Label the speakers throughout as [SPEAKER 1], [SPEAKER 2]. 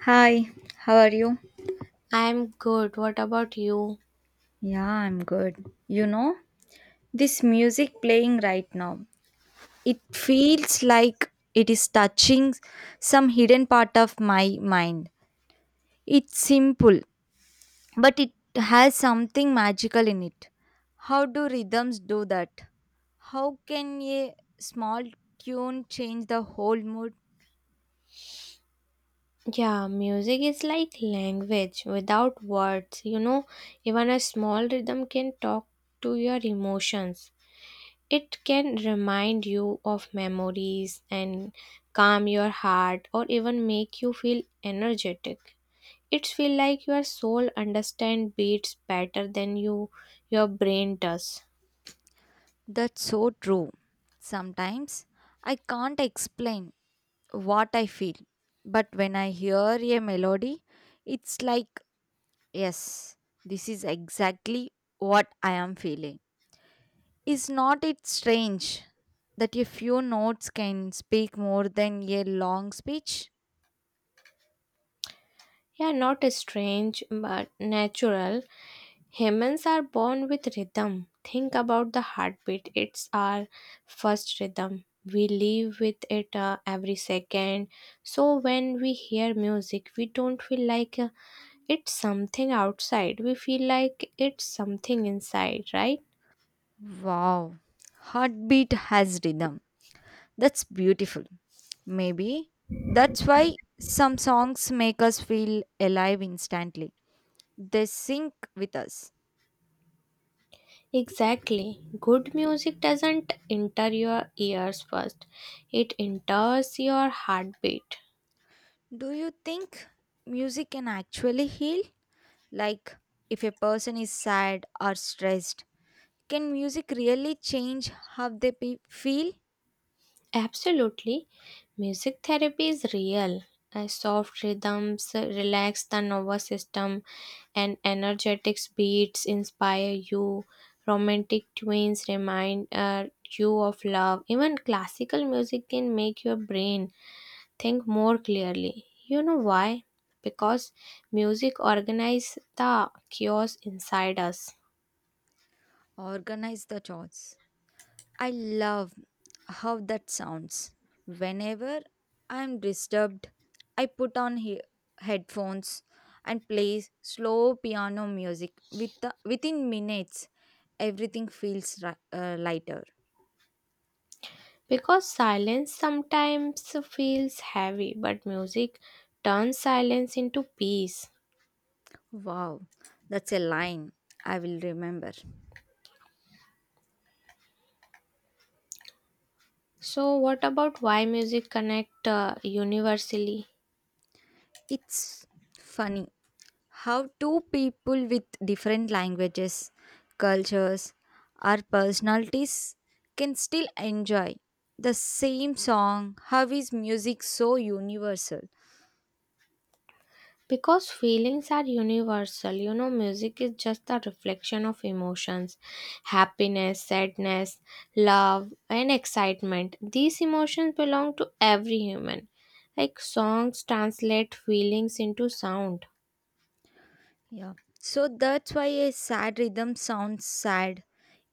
[SPEAKER 1] Hi, how are you?
[SPEAKER 2] I'm good. What about you?
[SPEAKER 1] Yeah, I'm good. You know, this music playing right now, it feels like it is touching some hidden part of my mind. It's simple, but it has something magical in it. How do rhythms do that? How can a small tune change the whole mood?
[SPEAKER 2] Yeah, music is like language without words. Even a small rhythm can talk to your emotions. It can remind you of memories and calm your heart or even make you feel energetic. It feels like your soul understands beats better than your brain does.
[SPEAKER 1] That's so true. Sometimes I can't explain what I feel, but when I hear a melody, it's like, yes, this is exactly what I am feeling. Is not it strange that a few notes can speak more than a long speech?
[SPEAKER 2] Yeah, not strange but natural. Humans are born with rhythm. Think about the heartbeat. It's our first rhythm. We live with it every second. So when we hear music, we don't feel like it's something outside. We feel like it's something inside, right?
[SPEAKER 1] Wow, heartbeat has rhythm. That's beautiful. Maybe that's why some songs make us feel alive instantly. They sync with us.
[SPEAKER 2] Exactly. Good music doesn't enter your ears first, it enters your heartbeat.
[SPEAKER 1] Do you think music can actually heal? Like, if a person is sad or stressed, can music really change how they feel?
[SPEAKER 2] Absolutely. Music therapy is real. A soft rhythms relax the nervous system and energetic beats inspire you. Romantic tunes remind you of love. Even classical music can make your brain think more clearly. You know why? Because music organizes the chaos inside us.
[SPEAKER 1] Organize the thoughts. I love how that sounds. Whenever I'm disturbed, I put on headphones and play slow piano music. Within minutes, everything feels lighter.
[SPEAKER 2] Because silence sometimes feels heavy, but music turns silence into peace.
[SPEAKER 1] Wow, that's a line I will remember.
[SPEAKER 2] So, what about why music connect universally?
[SPEAKER 1] It's funny how two people with different languages, cultures, or personalities can still enjoy the same song. How is music so universal?
[SPEAKER 2] Because feelings are universal. Music is just a reflection of emotions: happiness, sadness, love, and excitement. These emotions belong to every human. Like songs translate feelings into sound.
[SPEAKER 1] Yeah. So that's why a sad rhythm sounds sad,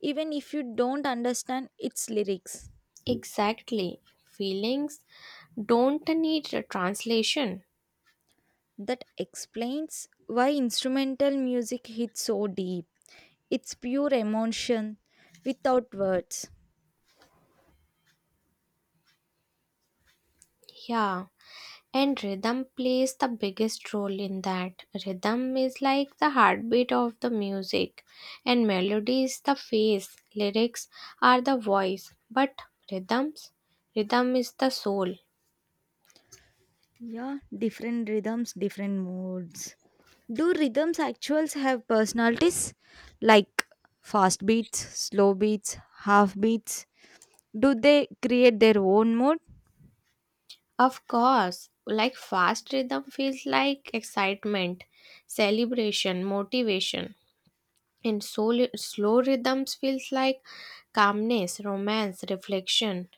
[SPEAKER 1] even if you don't understand its lyrics.
[SPEAKER 2] Exactly. Feelings don't need a translation.
[SPEAKER 1] That explains why instrumental music hits so deep. It's pure emotion without words.
[SPEAKER 2] Yeah. And rhythm plays the biggest role in that. Rhythm is like the heartbeat of the music, and melody is the face, lyrics are the voice, but rhythms, rhythm is the soul.
[SPEAKER 1] Yeah, different rhythms, different moods. Do rhythms actuals have personalities like fast beats, slow beats, half beats? Do they create their own mood?
[SPEAKER 2] Of course, like fast rhythm feels like excitement, celebration, motivation. And slow rhythms feels like calmness, romance, reflection.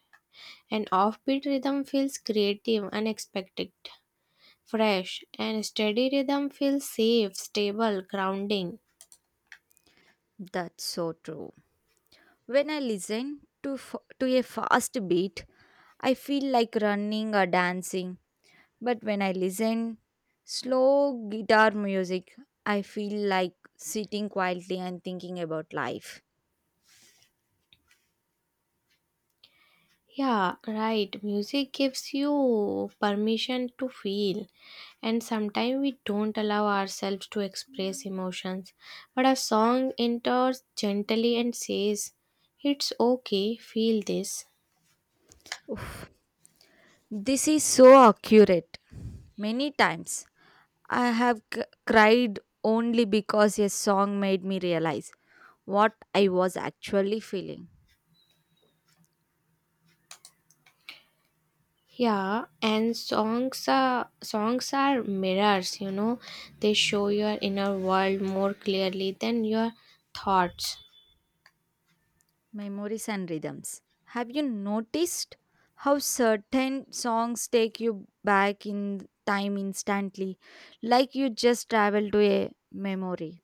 [SPEAKER 2] An offbeat rhythm feels creative, unexpected, fresh. And steady rhythm feels safe, stable, grounding.
[SPEAKER 1] That's so true. When I listen to to a fast beat, I feel like running or dancing. But when I listen slow guitar music, I feel like sitting quietly and thinking about life.
[SPEAKER 2] Yeah, right. Music gives you permission to feel. And sometimes we don't allow ourselves to express emotions. But a song enters gently and says, "It's okay, feel this."
[SPEAKER 1] Oof, this is so accurate. Many times I have cried only because a song made me realize what I was actually feeling.
[SPEAKER 2] Yeah, and songs are mirrors, you know. They show your inner world more clearly than your thoughts.
[SPEAKER 1] Memories and rhythms. Have you noticed how certain songs take you back in time instantly, like you just travel to a memory?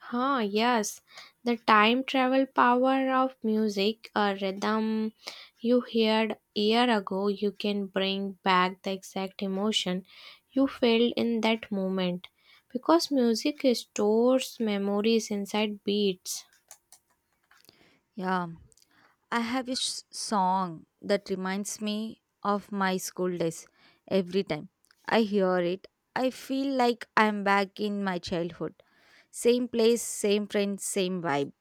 [SPEAKER 2] Huh, yes. The time travel power of music, a rhythm you heard year ago, you can bring back the exact emotion you felt in that moment. Because music stores memories inside beats.
[SPEAKER 1] Yeah, I have a song that reminds me of my school days. Every time I hear it, I feel like I'm back in my childhood. Same place, same friends, same vibe.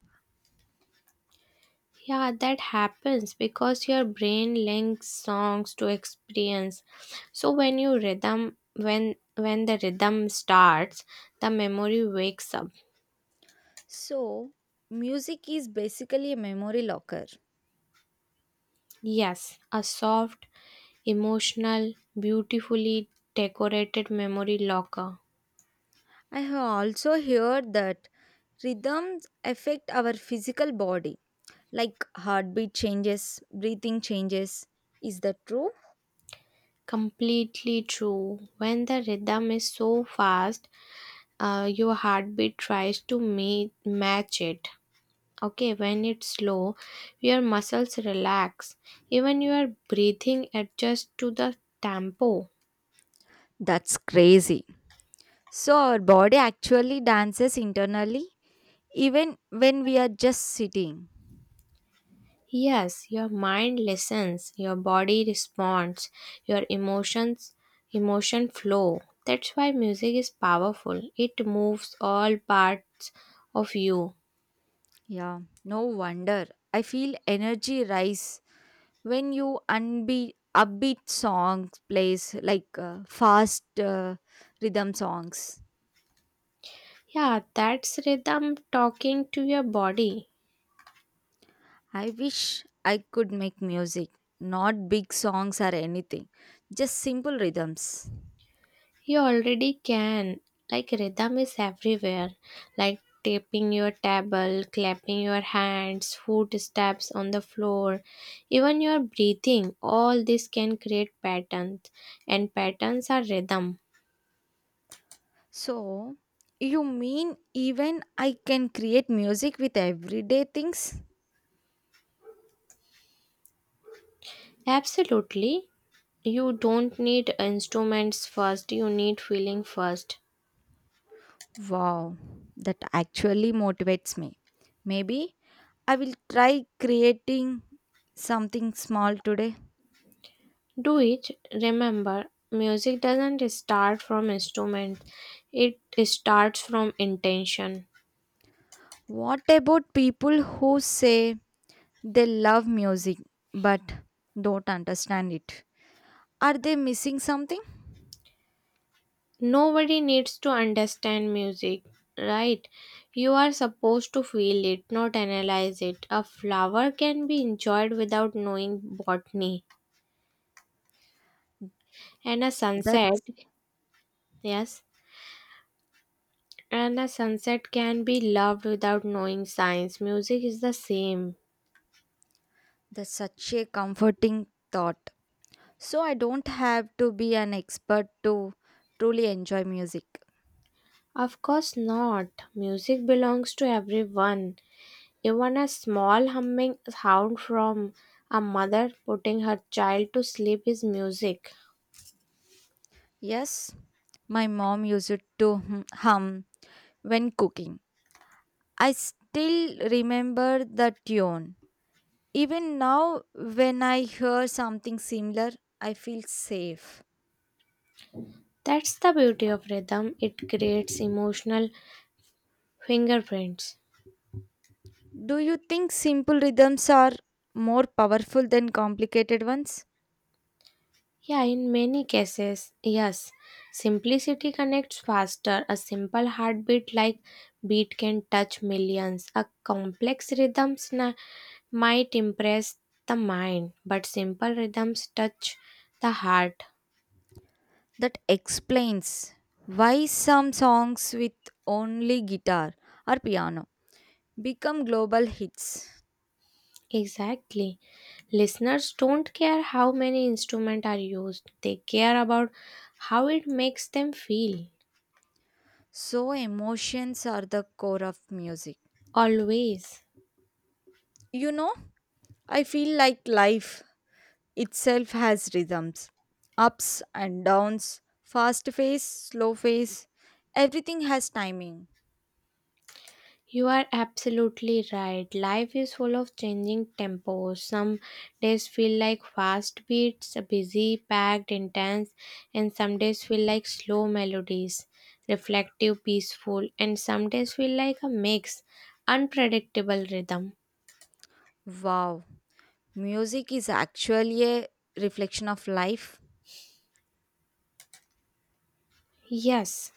[SPEAKER 2] Yeah, that happens because your brain links songs to experience. So when the rhythm starts, the memory wakes up.
[SPEAKER 1] So, music is basically a memory locker.
[SPEAKER 2] Yes, a soft, emotional, beautifully decorated memory locker.
[SPEAKER 1] I have also heard that rhythms affect our physical body, like heartbeat changes, breathing changes. Is that true?
[SPEAKER 2] Completely true. When the rhythm is so fast, your heartbeat tries to match it. Okay, when it's slow, your muscles relax. Even your breathing adjusts to the tempo.
[SPEAKER 1] That's crazy. So our body actually dances internally even when we are just sitting.
[SPEAKER 2] Yes, your mind listens, your body responds, your emotion flow. That's why music is powerful. It moves all parts of you.
[SPEAKER 1] Yeah, no wonder. I feel energy rise when you unbeat upbeat songs plays like fast rhythm songs.
[SPEAKER 2] Yeah, that's rhythm talking to your body.
[SPEAKER 1] I wish I could make music, not big songs or anything, just simple rhythms.
[SPEAKER 2] You already can. Like rhythm is everywhere. Like tapping your table, clapping your hands, footsteps on the floor, even your breathing. All this can create patterns, and patterns are rhythm.
[SPEAKER 1] So, you mean even I can create music with everyday things?
[SPEAKER 2] Absolutely. You don't need instruments first, you need feeling first.
[SPEAKER 1] Wow, that actually motivates me. Maybe I will try creating something small today.
[SPEAKER 2] Do it. Remember, music doesn't start from instruments, it starts from intention.
[SPEAKER 1] What about people who say they love music but don't understand it? Are they missing something?
[SPEAKER 2] Nobody needs to understand music, right? You are supposed to feel it, not analyze it. A flower can be enjoyed without knowing botany, and a sunset,
[SPEAKER 1] That's,
[SPEAKER 2] yes, and a sunset can be loved without knowing science. Music is the same.
[SPEAKER 1] that's such a comforting thought. So I don't have to be an expert to truly enjoy music.
[SPEAKER 2] Of course not. Music belongs to everyone. Even a small humming sound from a mother putting her child to sleep is music.
[SPEAKER 1] Yes, my mom used to hum hum when cooking. I still remember the tune. Even now, when I hear something similar, I feel safe.
[SPEAKER 2] That's the beauty of rhythm, it creates emotional fingerprints.
[SPEAKER 1] Do you think simple rhythms are more powerful than complicated ones?
[SPEAKER 2] Yeah, in many cases, yes. Simplicity connects faster. A simple heartbeat like beat can touch millions. A complex rhythm might impress the mind, but simple rhythms touch the heart.
[SPEAKER 1] That explains why some songs with only guitar or piano become global hits.
[SPEAKER 2] Exactly. Listeners don't care how many instruments are used, they care about how it makes them feel.
[SPEAKER 1] So, emotions are the core of music.
[SPEAKER 2] Always.
[SPEAKER 1] You know, I feel like life itself has rhythms, ups and downs, fast phase, slow phase. Everything has timing.
[SPEAKER 2] You are absolutely right. Life is full of changing tempos. Some days feel like fast beats, busy, packed, intense, and some days feel like slow melodies, reflective, peaceful, and some days feel like a mix, unpredictable rhythm.
[SPEAKER 1] Wow, music is actually a reflection of life.
[SPEAKER 2] Yes,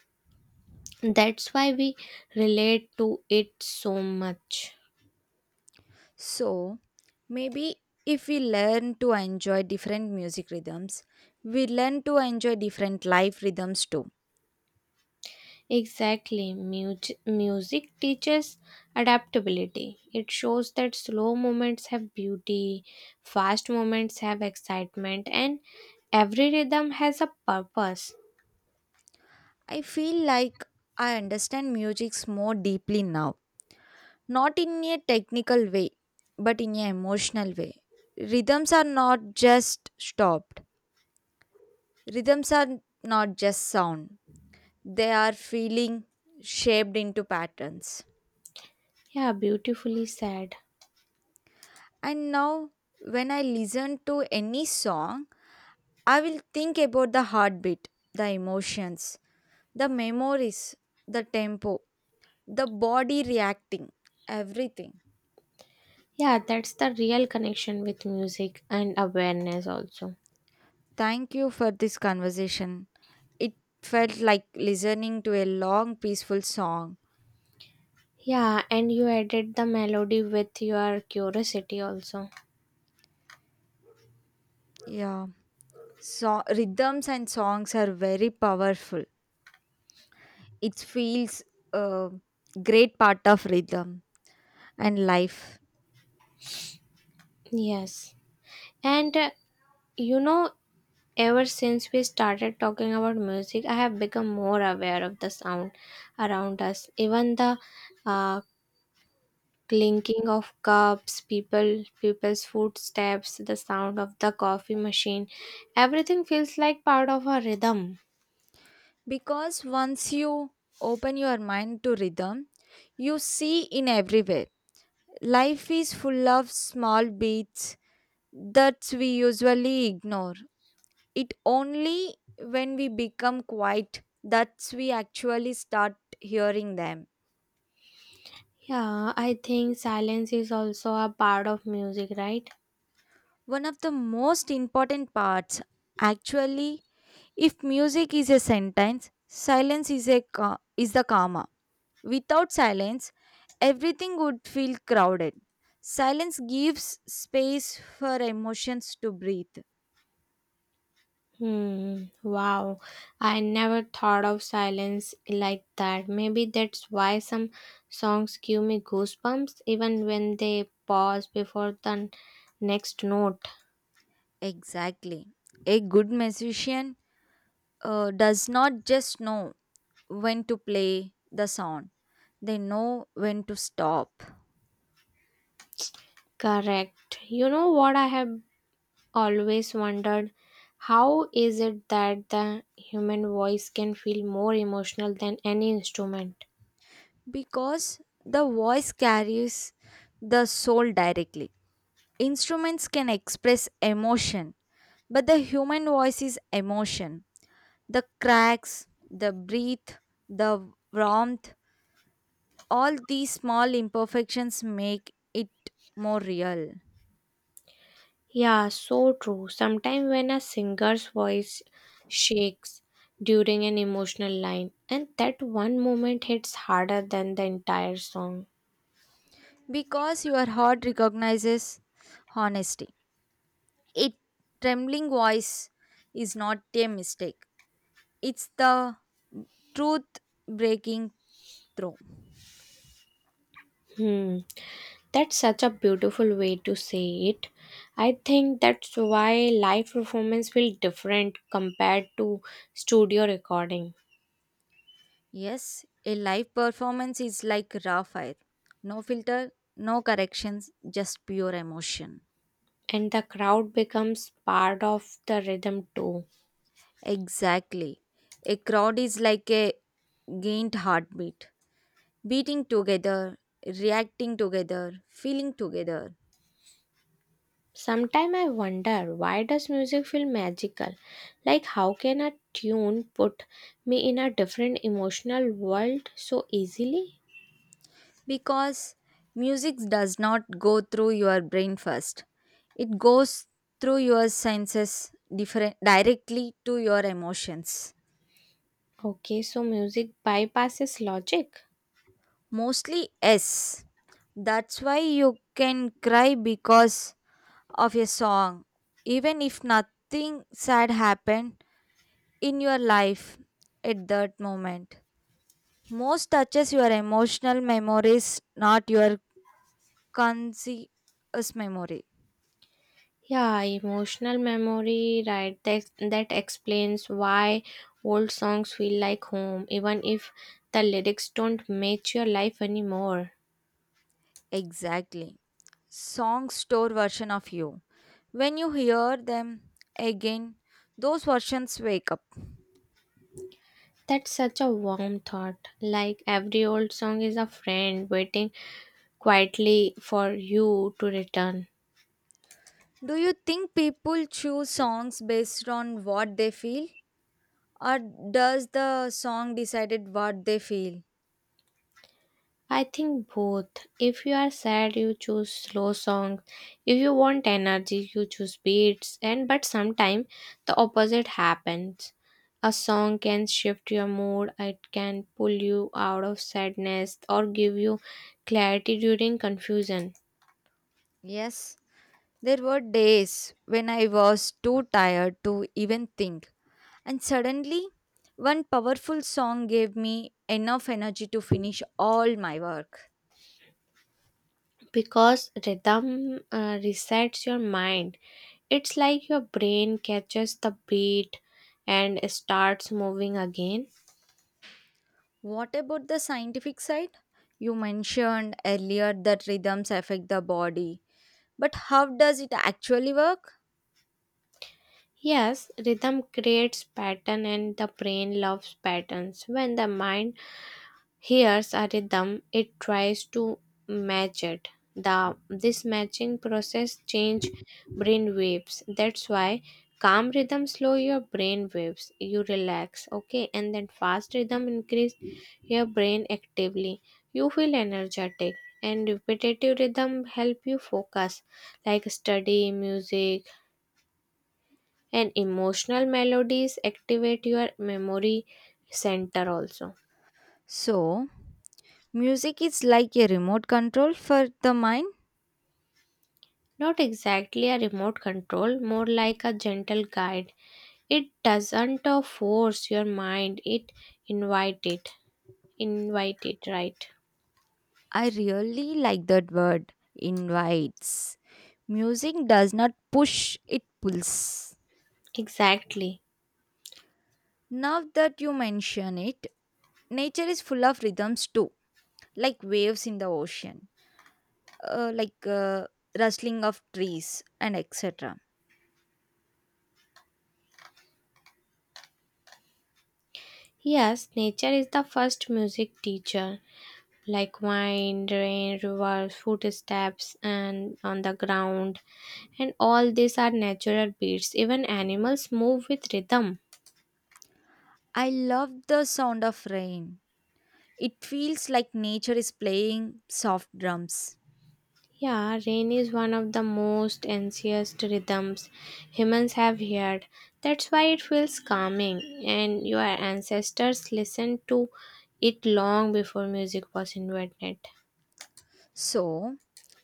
[SPEAKER 2] that's why we relate to it so much.
[SPEAKER 1] So, maybe if we learn to enjoy different music rhythms, we learn to enjoy different life rhythms too.
[SPEAKER 2] Exactly. Music teaches adaptability. It shows that slow moments have beauty, fast moments have excitement, and every rhythm has a purpose.
[SPEAKER 1] I feel like I understand music more deeply now, not in a technical way but in a emotional way. Rhythms are not just stopped. Rhythms are not just sound, they are feeling shaped into patterns.
[SPEAKER 2] Yeah, beautifully said.
[SPEAKER 1] And now when I listen to any song, I will think about the heartbeat, the emotions, the memories, the tempo, the body reacting, everything.
[SPEAKER 2] Yeah, that's the real connection with music and awareness also.
[SPEAKER 1] Thank you for this conversation. It felt like listening to a long, peaceful song.
[SPEAKER 2] Yeah, and you added the melody with your curiosity also.
[SPEAKER 1] Yeah, so rhythms and songs are very powerful. It feels a great part of rhythm and life.
[SPEAKER 2] Yes. And you know, ever since we started talking about music, I have become more aware of the sound around us. Even the uh, clinking of cups, people's footsteps, the sound of the coffee machine, everything feels like part of a rhythm.
[SPEAKER 1] Because once you open your mind to rhythm, you see in everywhere. Life is full of small beats that we usually ignore. It only when we become quiet that we actually start hearing them.
[SPEAKER 2] Yeah, I think silence is also a part of music, right?
[SPEAKER 1] One of the most important parts, actually, if music is a sentence, silence is a ca- is the karma. Without silence, everything would feel crowded. Silence gives space for emotions to breathe.
[SPEAKER 2] Hmm, wow. I never thought of silence like that. Maybe that's why some songs give me goosebumps even when they pause before the next note.
[SPEAKER 1] Exactly. A good musician does not just know when to play the song, they know when to stop.
[SPEAKER 2] Correct. You know what I have always wondered? How is it that the human voice can feel more emotional than any instrument?
[SPEAKER 1] Because the voice carries the soul directly. Instruments can express emotion, but the human voice is emotion. The cracks, the breath, the warmth, all these small imperfections make it more real.
[SPEAKER 2] Yeah, so true. Sometimes when a singer's voice shakes during an emotional line, and that one moment hits harder than the entire song.
[SPEAKER 1] Because your heart recognizes honesty. It trembling voice is not a mistake. It's the truth breaking through.
[SPEAKER 2] Hmm, that's such a beautiful way to say it. I think that's why live performance feel different compared to studio recording,
[SPEAKER 1] Yes, a live performance is like raw fire. No filter, no corrections, just pure emotion.
[SPEAKER 2] and the crowd becomes part of the rhythm too.
[SPEAKER 1] Exactly. A crowd is like a gained heartbeat, beating together, reacting together, feeling together.
[SPEAKER 2] Sometimes I wonder, why does music feel magical? Like how can a tune put me in a different emotional world so easily?
[SPEAKER 1] Because music does not go through your brain first, it goes through your senses different, directly to your emotions.
[SPEAKER 2] Okay, so music bypasses logic.
[SPEAKER 1] Mostly yes. That's why you can cry because of a song. Even if nothing sad happened in your life at that moment. Most touches your emotional memories, not your conscious memory.
[SPEAKER 2] Yeah, emotional memory, right? That explains why old songs feel like home, even if the lyrics don't match your life anymore.
[SPEAKER 1] Exactly. Songs store version of you. When you hear them again, those versions wake up.
[SPEAKER 2] That's such a warm thought. Like every old song is a friend waiting quietly for you to return.
[SPEAKER 1] Do you think people choose songs based on what they feel? Or does the song decided what they feel?
[SPEAKER 2] I think both. If you are sad, you choose slow songs. If you want energy, you choose beats. And but sometimes the opposite happens. A song can shift your mood. It can pull you out of sadness or give you clarity during confusion.
[SPEAKER 1] Yes, there were days when I was too tired to even think. And suddenly, one powerful song gave me enough energy to finish all my work.
[SPEAKER 2] Because rhythm resets your mind. It's like your brain catches the beat and starts moving again.
[SPEAKER 1] What about the scientific side? You mentioned earlier that rhythms affect the body, but how does it actually work?
[SPEAKER 2] Yes, rhythm creates pattern and the brain loves patterns. When the mind hears a rhythm, it tries to match it. The this matching process change brain waves. That's why calm rhythm slow your brain waves. You relax, okay? And then fast rhythm increase your brain actively. You feel energetic and repetitive rhythm help you focus like study, music, and emotional melodies activate your memory center also.
[SPEAKER 1] So, music is like a remote control for the mind.
[SPEAKER 2] Not exactly a remote control, more like a gentle guide. It doesn't force your mind, it invite it. Invite it, right?
[SPEAKER 1] I really like that word, invites. Music does not push, it pulls.
[SPEAKER 2] Exactly.
[SPEAKER 1] Now that you mention it, nature is full of rhythms too, like waves in the ocean, uh, like uh, rustling of trees, and etc.
[SPEAKER 2] Yes, nature is the first music teacher. Like wind, rain, rivers, footsteps, and on the ground, and all these are natural beats. Even animals move with rhythm.
[SPEAKER 1] I love the sound of rain. It feels like nature is playing soft drums.
[SPEAKER 2] Yeah, rain is one of the most ancient rhythms humans have heard. That's why it feels calming, and your ancestors listened to it long before music was invented.
[SPEAKER 1] So,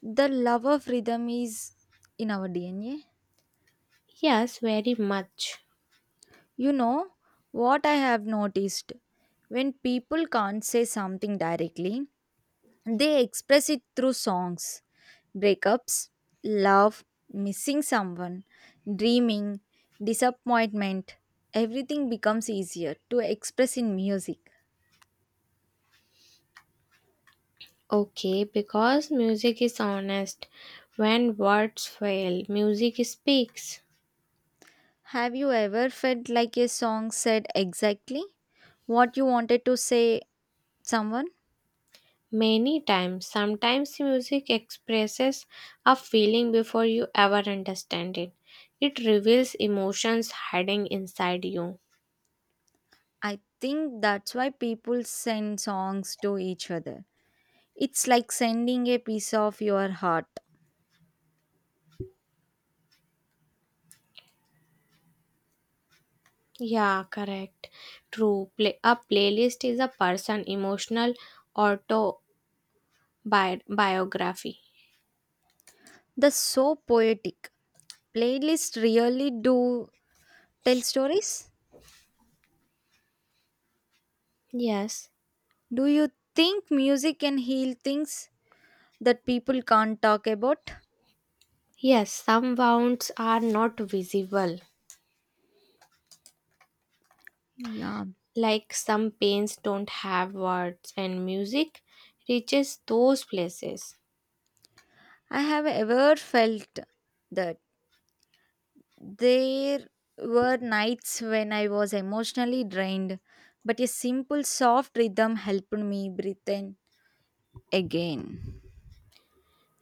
[SPEAKER 1] the love of rhythm is in our DNA.
[SPEAKER 2] Yes, very much.
[SPEAKER 1] You know what I have noticed? When people can't say something directly, they express it through songs, breakups, love, missing someone, dreaming, disappointment. Everything becomes easier to express in music.
[SPEAKER 2] Okay, because music is honest. When words fail, music speaks.
[SPEAKER 1] Have you ever felt like a song said exactly what you wanted to say someone?
[SPEAKER 2] Many times, sometimes music expresses a feeling before you ever understand it. It reveals emotions hiding inside you.
[SPEAKER 1] I think that's why people send songs to each other. It's like sending a piece of your heart.
[SPEAKER 2] Yeah, correct. True. A playlist is a person emotional autobiography.
[SPEAKER 1] That's so poetic. Playlists really do tell stories.
[SPEAKER 2] Yes.
[SPEAKER 1] Do you think music can heal things that people can't talk about?
[SPEAKER 2] Yes, some wounds are not visible.
[SPEAKER 1] Yeah,
[SPEAKER 2] Like some pains don't have words, and music reaches those places.
[SPEAKER 1] I have ever felt that there were nights when I was emotionally drained, but a simple soft rhythm helped me breathe in again.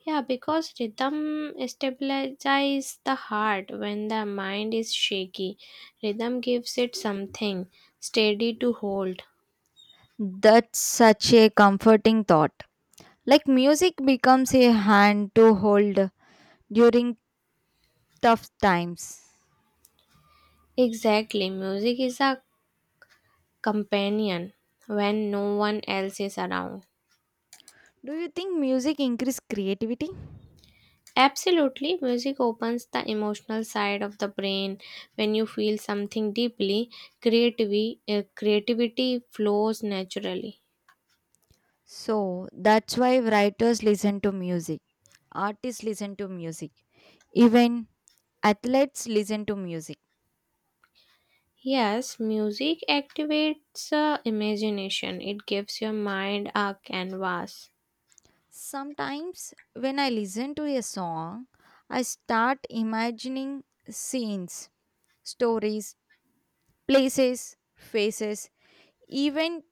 [SPEAKER 2] Yeah, because rhythm stabilizes the heart when the mind is shaky. Rhythm gives it something steady to hold.
[SPEAKER 1] That's such a comforting thought. Like music becomes a hand to hold during tough times.
[SPEAKER 2] Exactly, music is a companion when no one else is around.
[SPEAKER 1] Do you think music increase creativity?
[SPEAKER 2] Absolutely, music opens the emotional side of the brain. When you feel something deeply, creativity flows naturally.
[SPEAKER 1] So that's why writers listen to music, artists listen to music, even athletes listen to music.
[SPEAKER 2] Yes, music activates imagination. It gives your mind a canvas.
[SPEAKER 1] Sometimes when I listen to a song, I start imagining scenes, stories, places, faces, even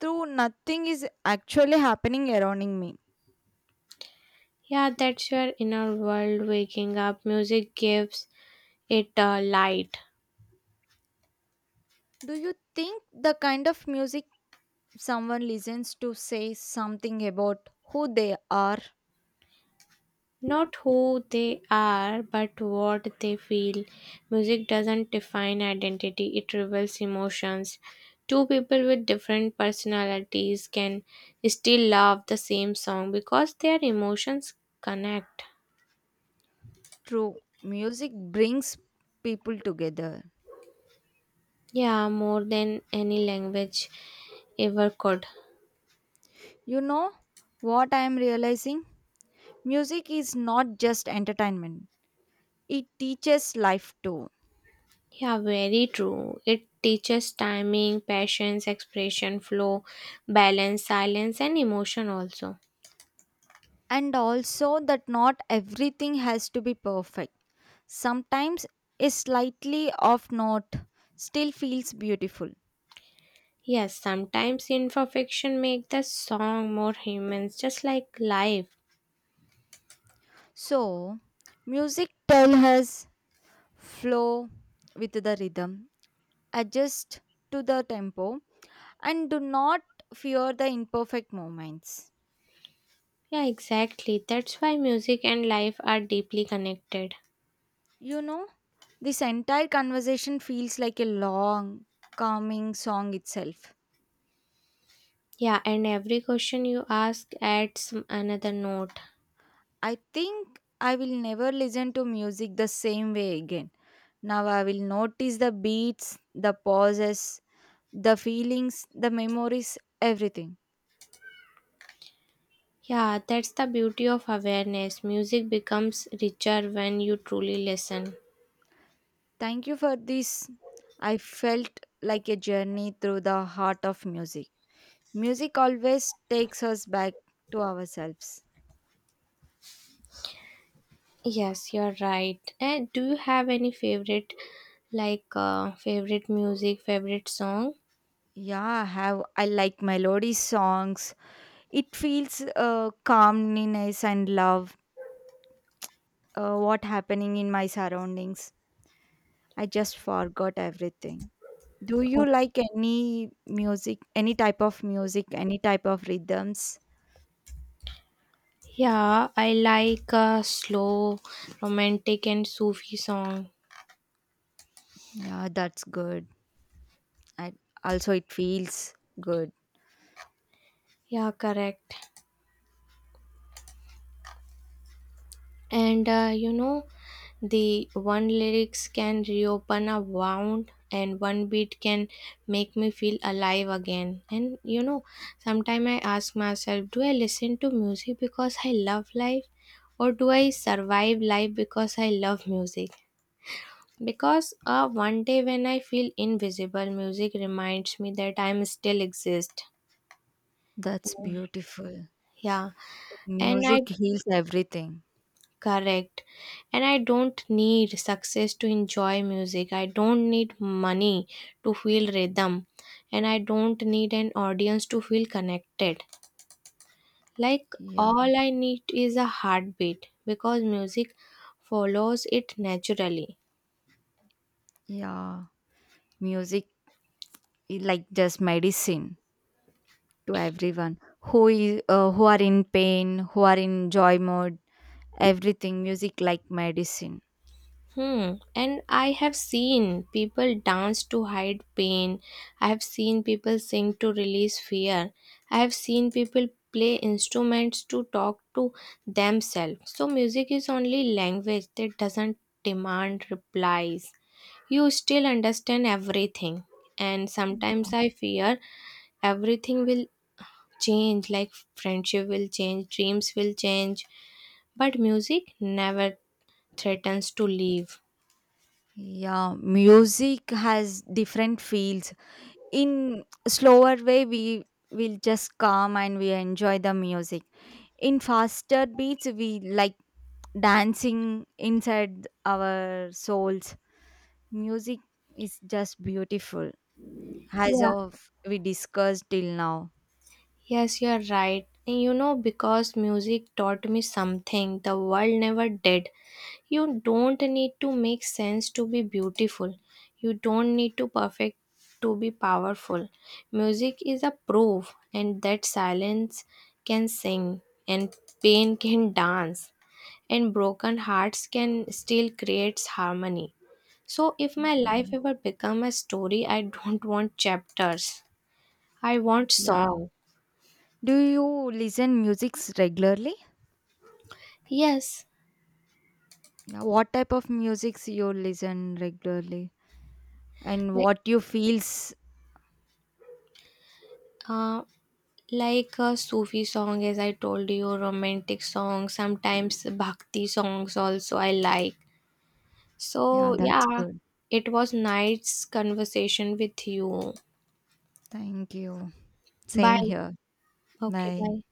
[SPEAKER 1] though nothing is actually happening around me.
[SPEAKER 2] Yeah, that's your inner world waking up. Music gives it a light.
[SPEAKER 1] Do you think the kind of music someone listens to says something about who they are?
[SPEAKER 2] Not who they are, but what they feel. Music doesn't define identity, it reveals emotions. Two people with different personalities can still love the same song because their emotions connect.
[SPEAKER 1] True, music brings people together.
[SPEAKER 2] Yeah, more than any language ever could.
[SPEAKER 1] You know what I am realizing? Music is not just entertainment, it teaches life too.
[SPEAKER 2] Yeah, very true. It teaches timing, patience, expression, flow, balance, silence, and emotion also.
[SPEAKER 1] And also, that not everything has to be perfect. Sometimes a slightly off note still feels beautiful.
[SPEAKER 2] Yes, sometimes imperfection make the song more human, just like life.
[SPEAKER 1] So, music tells us flow with the rhythm, adjust to the tempo, and do not fear the imperfect moments.
[SPEAKER 2] Yeah, exactly. That's why music and life are deeply connected.
[SPEAKER 1] You know, this entire conversation feels like a long, calming song itself.
[SPEAKER 2] Yeah, and every question you ask adds another note.
[SPEAKER 1] I think I will never listen to music the same way again. Now I will notice the beats, the pauses, the feelings, the memories, everything.
[SPEAKER 2] Yeah, that's the beauty of awareness. Music becomes richer when you truly listen.
[SPEAKER 1] Thank you for this. I felt like a journey through the heart of music. Music always takes us back to ourselves.
[SPEAKER 2] Yes, you're right. And do you have any favorite, like favorite music, favorite song?
[SPEAKER 1] Yeah, I like melody songs. It feels calmness and love. What happening in my surroundings? I just forgot everything. Do you
[SPEAKER 2] Oh.
[SPEAKER 1] like any music, any type of music, any type of rhythms?
[SPEAKER 2] Yeah, I like slow, romantic, and Sufi song.
[SPEAKER 1] Yeah, that's good. I also it feels good.
[SPEAKER 2] Yeah, correct. And the one lyrics can reopen a wound, and one beat can make me feel alive again. And you know, sometimes I ask myself, do I listen to music because I love life, or do I survive life because I love music? Because one day when I feel invisible, music reminds me that I'm still exist.
[SPEAKER 1] That's beautiful.
[SPEAKER 2] Yeah, and I.
[SPEAKER 1] Music heals everything.
[SPEAKER 2] Correct. And I don't need success to enjoy music. I don't need money to feel rhythm. And I don't need an audience to feel connected. Like,
[SPEAKER 1] Yeah,
[SPEAKER 2] all I need is a heartbeat because music follows it naturally.
[SPEAKER 1] yeah. Music like just medicine to everyone who is who are in pain, who are in joy mode, everything music like medicine.
[SPEAKER 2] Hmm. And I have seen people dance to hide pain. I have seen people sing to release fear. I have seen people play instruments to talk to themselves. So, music is only language that doesn't demand replies. You still understand everything. And sometimes I fear everything will change, like friendship will change, dreams will change, but music never threatens to leave.
[SPEAKER 1] Yeah, music has different fields. In slower way we will just calm and we enjoy the music. In faster beats we like dancing inside our souls. Music is just beautiful, as
[SPEAKER 2] Yeah.
[SPEAKER 1] of we discussed till now.
[SPEAKER 2] Yes, you're right. And you know, because music taught me something the world never did. You don't need to make sense to be beautiful. You don't need to perfect to be powerful. Music is a proof, and that silence can sing, and pain can dance, and broken hearts can still create harmony. So, if my
[SPEAKER 1] Yeah,
[SPEAKER 2] life ever become a story, I don't want chapters. I want
[SPEAKER 1] yeah.
[SPEAKER 2] song.
[SPEAKER 1] Do you listen musics regularly?
[SPEAKER 2] Yes.
[SPEAKER 1] Yeah, what type of musics you listen regularly and
[SPEAKER 2] Like,
[SPEAKER 1] what you feels?
[SPEAKER 2] uh, like a Sufi song, as I told you, romantic songs, sometimes bhakti songs also I like.
[SPEAKER 1] Yeah,
[SPEAKER 2] So,
[SPEAKER 1] that's
[SPEAKER 2] yeah,
[SPEAKER 1] good.
[SPEAKER 2] it was nice conversation with you.
[SPEAKER 1] Thank you. Same
[SPEAKER 2] Bye.
[SPEAKER 1] here.
[SPEAKER 2] Okay,
[SPEAKER 1] Bye.
[SPEAKER 2] bye.